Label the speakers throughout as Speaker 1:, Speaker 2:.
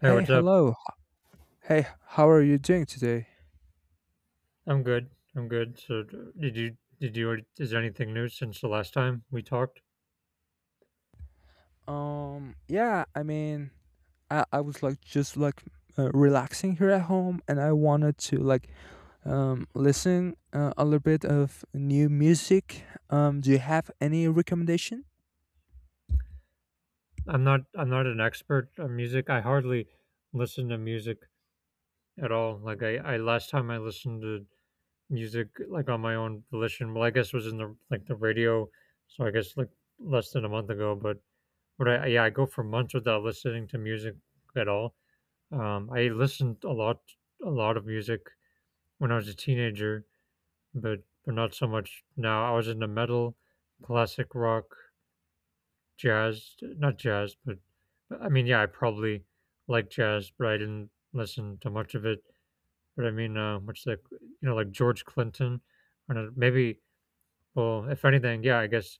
Speaker 1: Hey,
Speaker 2: Hey,
Speaker 1: what's up?
Speaker 2: hello. Hey, how are you doing today?
Speaker 1: I'm good. I'm good. So, is there anything new since the last time we talked?
Speaker 2: Um, yeah, I mean, I was like just like relaxing here at home and I wanted to like listen a little bit of new music. Do you have any recommendation?
Speaker 1: I'm not an expert on music. I hardly listen to music at all. Like I Last time I listened to music like on my own volition. Well, I guess it was in the radio. So I guess like less than a month ago. But I, yeah, I go for months without listening to music at all. I listened a lot of music when I was a teenager, but not so much now. I was into metal, classic rock, jazz, not jazz, but yeah, I probably like jazz, but I didn't listen to much of it. But I mean, much like, you know, like George Clinton, I don't know, maybe. Well, if anything, yeah, I guess.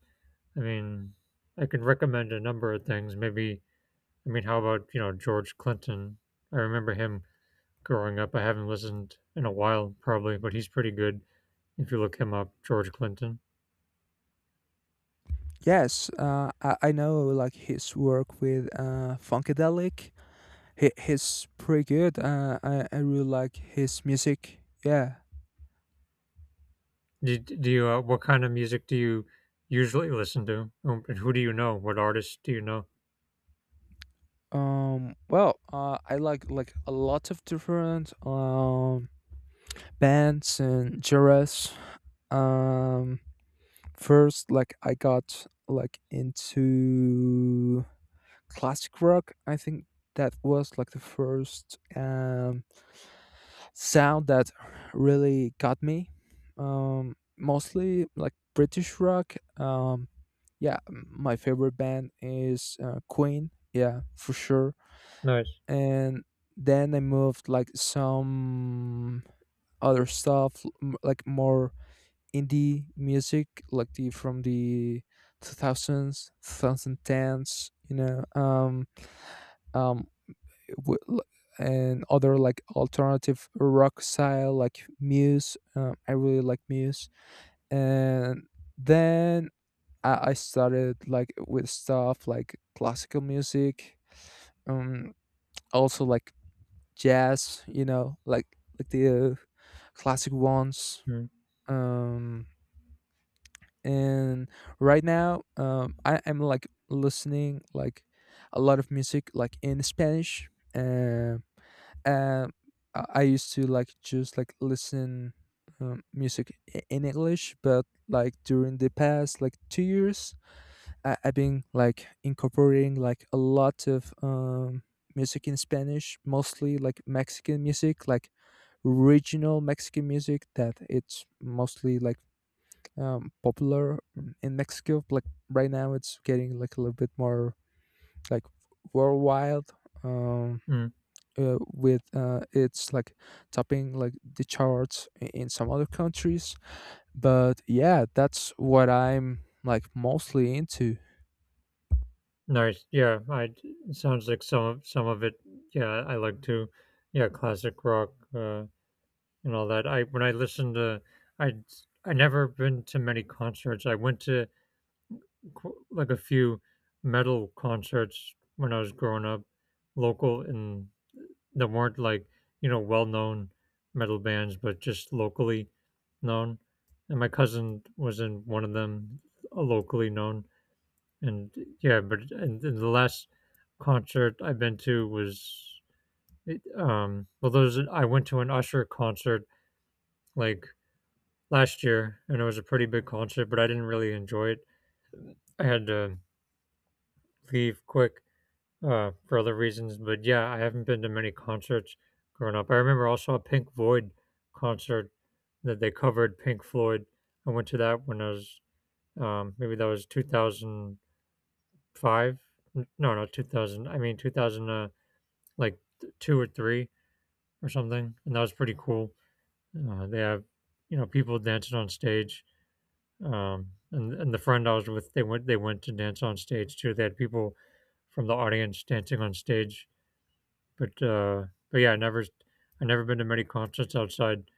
Speaker 1: I mean, I can recommend a number of things. Maybe, I mean, how about, you know, George Clinton? I remember him growing up. I haven't listened in a while, probably, but he's pretty good if you look him up, George Clinton.
Speaker 2: Yes, I know like his work with Funkadelic. He's pretty good. I really like his music. Yeah.
Speaker 1: Do you what kind of music do you usually listen to? And who do you know? What artists do you know?
Speaker 2: I like a lot of different bands and genres. Um, first, like I got like into classic rock. I think that was like the first sound that really got me. Mostly like British rock. Yeah, my favorite band is Queen. Yeah, for sure.
Speaker 1: Nice.
Speaker 2: And then I moved like some other stuff, like more indie music like the from the 2000s 2010s um w- l- and other like alternative rock style like muse I really like muse and then I started like with stuff like classical music um also like jazz you know like the classic ones
Speaker 1: Mm,
Speaker 2: um and right now I am like listening like a lot of music like in Spanish. Um, um, I used to like just like listen music in English, but like during the past like 2 years, I've been like incorporating like a lot of music in Spanish, mostly like Mexican music, like regional Mexican music that it's mostly like popular in Mexico. Like right now, it's getting like a little bit more like worldwide um,
Speaker 1: mm,
Speaker 2: with it's like topping like the charts in some other countries. But yeah, that's what I'm like mostly into.
Speaker 1: nice. Yeah, I, it sounds like some of it. Yeah, I like to. Yeah, classic rock and all that. I when I listen to, I I never been to many concerts. I went to like a few metal concerts when I was growing up, local, in, that weren't like, you know, well known metal bands, but just locally known. And my cousin was in one of them, locally known. And yeah, but and the last concert I've been to was well there's I went to an Usher concert like last year, and it was a pretty big concert, but I didn't really enjoy it. I had to leave quick, for other reasons. But yeah, I haven't been to many concerts growing up. I remember also a Pink Floyd concert that they covered Pink Floyd. I went to that when I was maybe that was 2005. No, not 2000. I mean 2000, like two or three or something, and that was pretty cool. They have, you know, people dancing on stage. And the friend I was with, they went to dance on stage too. They had people from the audience dancing on stage. But, but yeah, I've never been to many concerts outside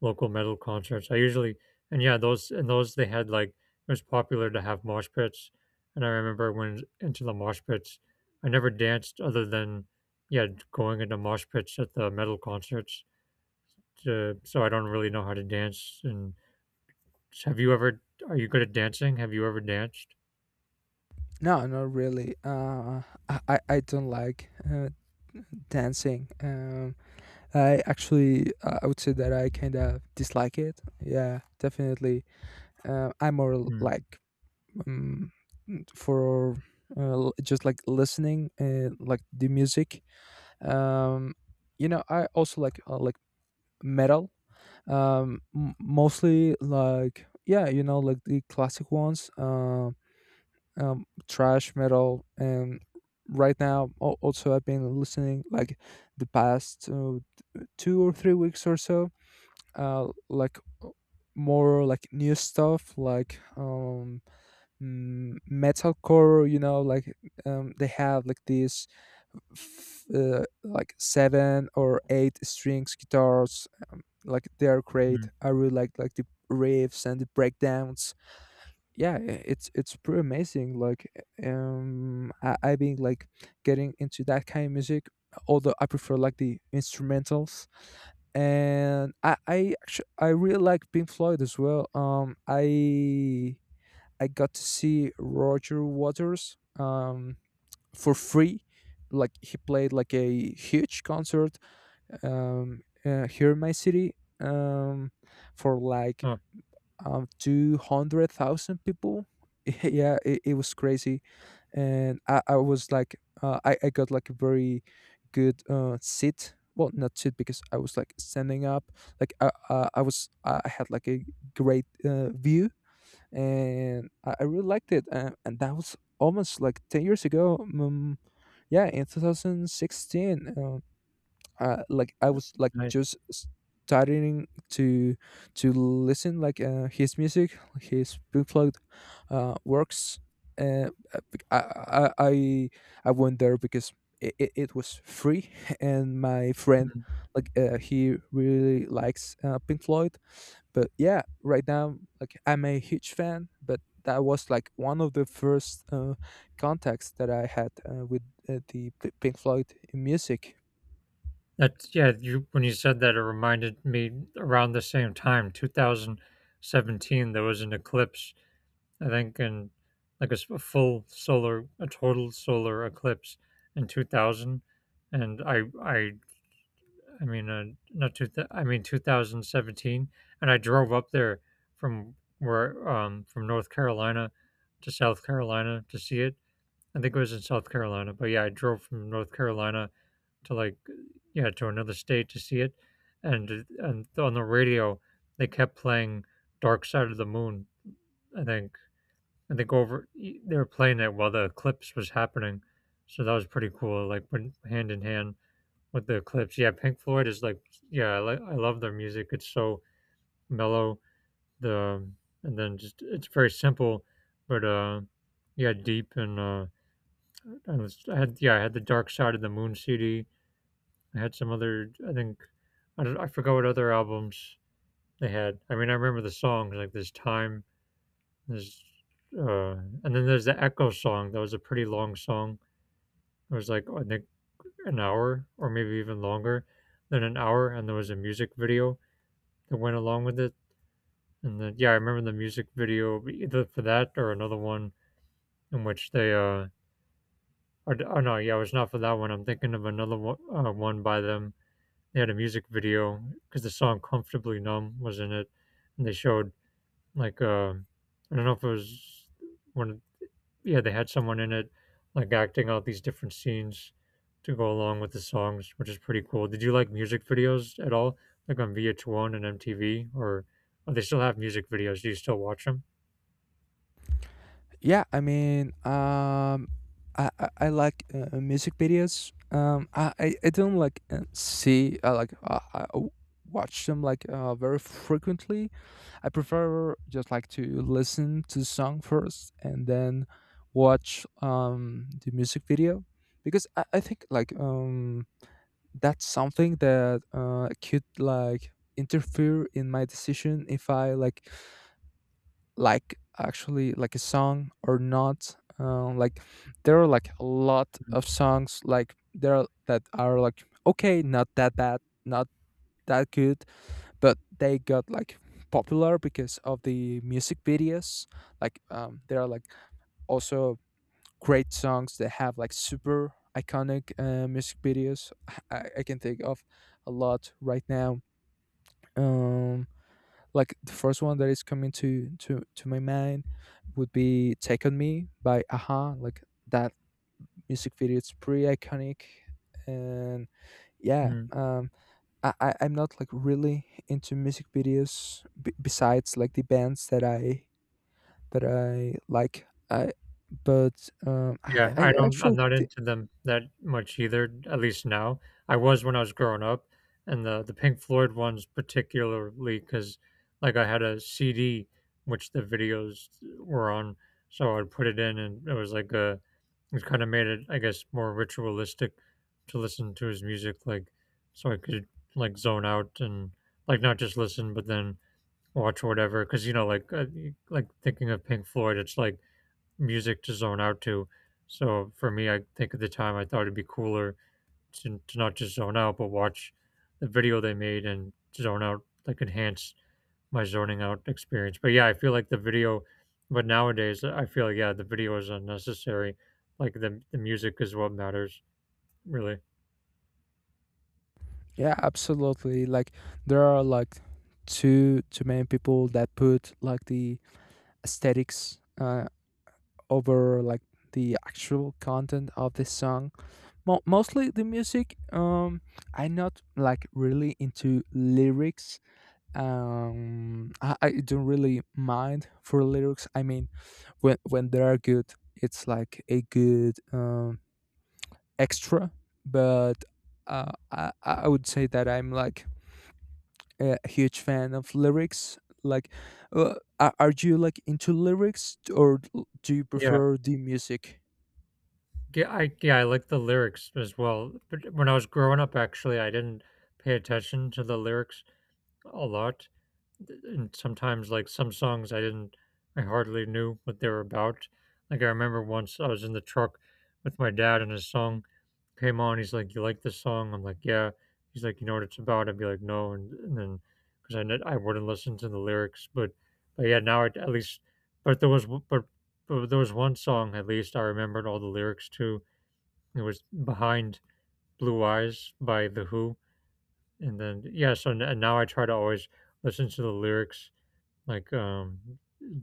Speaker 1: local metal concerts. I usually, and yeah, those they had like, it was popular to have mosh pits, and I remember when into the mosh pits, I never danced other than, yeah, going into mosh pits at the metal concerts. To, so I don't really know how to dance. And have you ever? Are you good at dancing? Have you ever danced?
Speaker 2: No, not really. I don't like dancing. I would say that I kind of dislike it. Yeah, definitely. I'm more
Speaker 1: Mm,
Speaker 2: like um, for just like listening like the music um you know I also like metal mostly like yeah you know like the classic ones trash metal and right now also I've been listening like the past 2 or 3 weeks or so like more like new stuff like metalcore you know like they have like these like seven or eight strings guitars like they're great
Speaker 1: mm.
Speaker 2: I really like the riffs and the breakdowns yeah it's pretty amazing like I've been like getting into that kind of music although I prefer like the instrumentals and i actually I really like pink floyd as well I got to see Roger Waters for free. Like he played like a huge concert here in my city um, for like
Speaker 1: Oh,
Speaker 2: 200,000 people. yeah, it was crazy, and I was like I got like a very good seat. Well, not seat because I was like standing up. I had like a great view and I really liked it. And that was almost like 10 years ago. Yeah, in 2016. Like I was like
Speaker 1: nice.
Speaker 2: just starting to listen like his music, his bootleg works. Uh, I, I I I went there because it was free, and my friend
Speaker 1: Mm.
Speaker 2: like he really likes Pink Floyd. But yeah, right now like I'm a huge fan, but. That was like one of the first contacts that I had with Pink Floyd music.
Speaker 1: That's, yeah, you, when you said that, it reminded me, around the same time, 2017, there was an eclipse, I think, in like a, a full solar, a total solar eclipse in 2000. And I mean, not I mean, 2017. And I drove up there from where, from North Carolina to South Carolina to see it. I think it was in South Carolina, but yeah, I drove from North Carolina to like, yeah, to another state to see it, and and on the radio they kept playing Dark Side of the Moon. I think and they go over e, they were playing it while the eclipse was happening, so that was pretty cool. Like, when hand in hand with the eclipse. Yeah, Pink Floyd is like, yeah, I, like I love their music. It's so mellow. The, and then just it's very simple, but yeah deep, and I had, yeah, I had the Dark Side of the Moon CD. They had some other. I think I don't, I forgot what other albums they had. I mean, I remember the songs like "This Time," there's, and then there's the Echo song. That was a pretty long song. It was like, I think, an hour or maybe even longer than an hour, and there was a music video that went along with it. And then, yeah, I remember the music video either for that or another one in which they. Or, oh no, yeah, it was not for that one. I'm thinking of another one, one by them, they had a music video because the song "Comfortably Numb" was in it, and they showed like, I don't know if it was when, yeah, they had someone in it like acting out these different scenes to go along with the songs, which is pretty cool. Did you like music videos at all, like on VH1 and MTV, or, oh, they still have music videos? Do you still watch them?
Speaker 2: Yeah, I mean, um, I like music videos. I don't like see I like I w- watch them like very frequently. I prefer just like to listen to the song first and then watch the music video because I think like that's something that could like interfere in my decision if I like actually like a song or not like there are like a lot of songs like there are, that are like okay not that bad not that good but they got like popular because of the music videos like there are like also great songs that have like super iconic music videos I can think of a lot right now um like the first one that is coming to my mind would be take on me by aha like that music video it's pretty iconic and yeah
Speaker 1: Mm.
Speaker 2: I'm not like really into music videos besides like the bands that I like I but
Speaker 1: Yeah,
Speaker 2: I
Speaker 1: I don't I'm
Speaker 2: actually
Speaker 1: not into them that much either, at least now. I was when I was growing up, and the Pink Floyd ones particularly, because like, I had a CD which the videos were on, so I'd put it in, and it was like a, it kinda made it, I guess, more ritualistic to listen to his music, like, so I could, like, zone out and, like, not just listen, but then watch whatever. Because, you know, like, like, thinking of Pink Floyd, it's like music to zone out to. So for me, I think at the time I thought it'd be cooler to not just zone out, but watch the video they made and zone out, like, enhance my zoning out experience. But yeah, I feel like the video, but nowadays I feel like, yeah, the video is unnecessary. Like the music is what matters, really.
Speaker 2: yeah absolutely like there are like too many people that put like the aesthetics over like the actual content of this song. Mo- mostly the music. I'm not like really into lyrics. I don't really mind for lyrics. I mean, when they are good, it's like a good extra. But I would say that I'm like a huge fan of lyrics. Like, are you like into lyrics or do you
Speaker 1: Yeah,
Speaker 2: prefer the music?
Speaker 1: yeah, I, yeah, I like the lyrics as well. But when I was growing up, actually, I didn't pay attention to the lyrics a lot. Th And sometimes, like, some songs I didn't, I hardly knew what they were about. Like, I remember once I was in the truck with my dad and his song came on, he's like, "You like this song?" I'm like, "Yeah." He's like, "You know what it's about?" I'd be like, "No," and then because I wouldn't listen to the lyrics, but, yeah, now at least, but there was w but but there was one song, at least, I remembered all the lyrics to. It was Behind Blue Eyes by The Who, and then, yeah, so n and now I try to always listen to the lyrics like,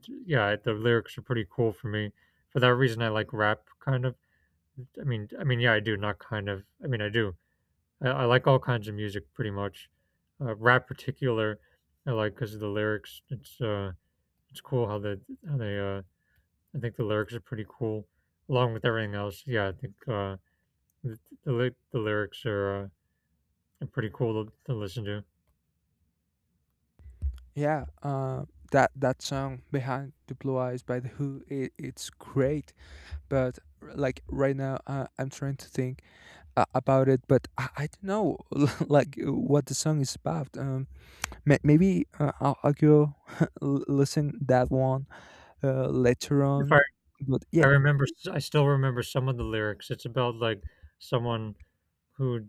Speaker 1: yeah, the lyrics are pretty cool for me. For that reason, I like rap kind of. Yeah, I do, not kind of. I mean, I do. I like all kinds of music pretty much. Rap particular, I like because of the lyrics. It's cool how they, how they, I think the lyrics are pretty cool along with everything else. Yeah, I think, the the lyrics are pretty cool to listen to.
Speaker 2: Yeah, that that song "Behind the Blue Eyes" by The Who, it, it's great. But like right now, I'm trying to think about it, but I don't know like what the song is about. Maybe I'll go listen that one later
Speaker 1: If I
Speaker 2: on. But
Speaker 1: I
Speaker 2: yeah,
Speaker 1: remember, I still remember some of the lyrics. It's about, like, someone who,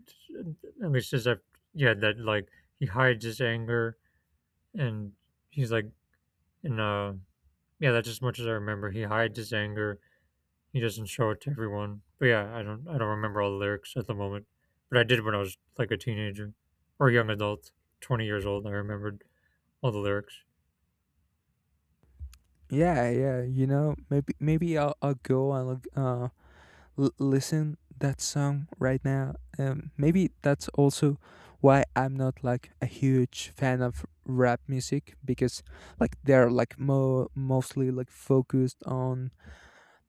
Speaker 1: at least as I've, yeah, that like he hides his anger and he's like in yeah, that's as much as I remember, he hides his anger, he doesn't show it to everyone, but yeah, I don't remember all the lyrics at the moment, but I did when I was like a teenager or young adult, 20 years old, I remembered all the lyrics.
Speaker 2: yeah, yeah. You know, maybe I'll go and like, listen that song right now. Maybe that's also why I'm not like a huge fan of rap music because like they're like mostly like focused on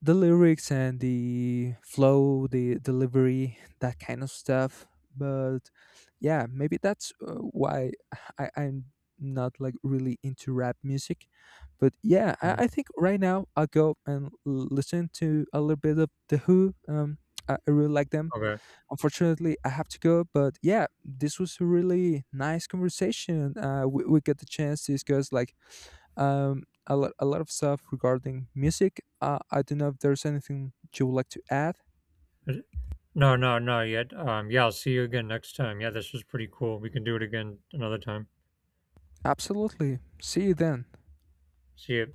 Speaker 2: the lyrics and the flow, the delivery, that kind of stuff. But yeah, maybe that's why I'm not like really into rap music. But yeah,
Speaker 1: Mm,
Speaker 2: I think right now I'll go and listen to a little bit of The Who. I really like them.
Speaker 1: okay.
Speaker 2: Unfortunately, I have to go. But yeah, this was a really nice conversation. We get the chance to discuss like a lot of stuff regarding music. I don't know if there's anything you would like to add.
Speaker 1: Is it- no, yet, um, yeah, I'll see you again next time. Yeah, this was pretty cool, we can do it again another time.
Speaker 2: Absolutely. See you then.
Speaker 1: See you.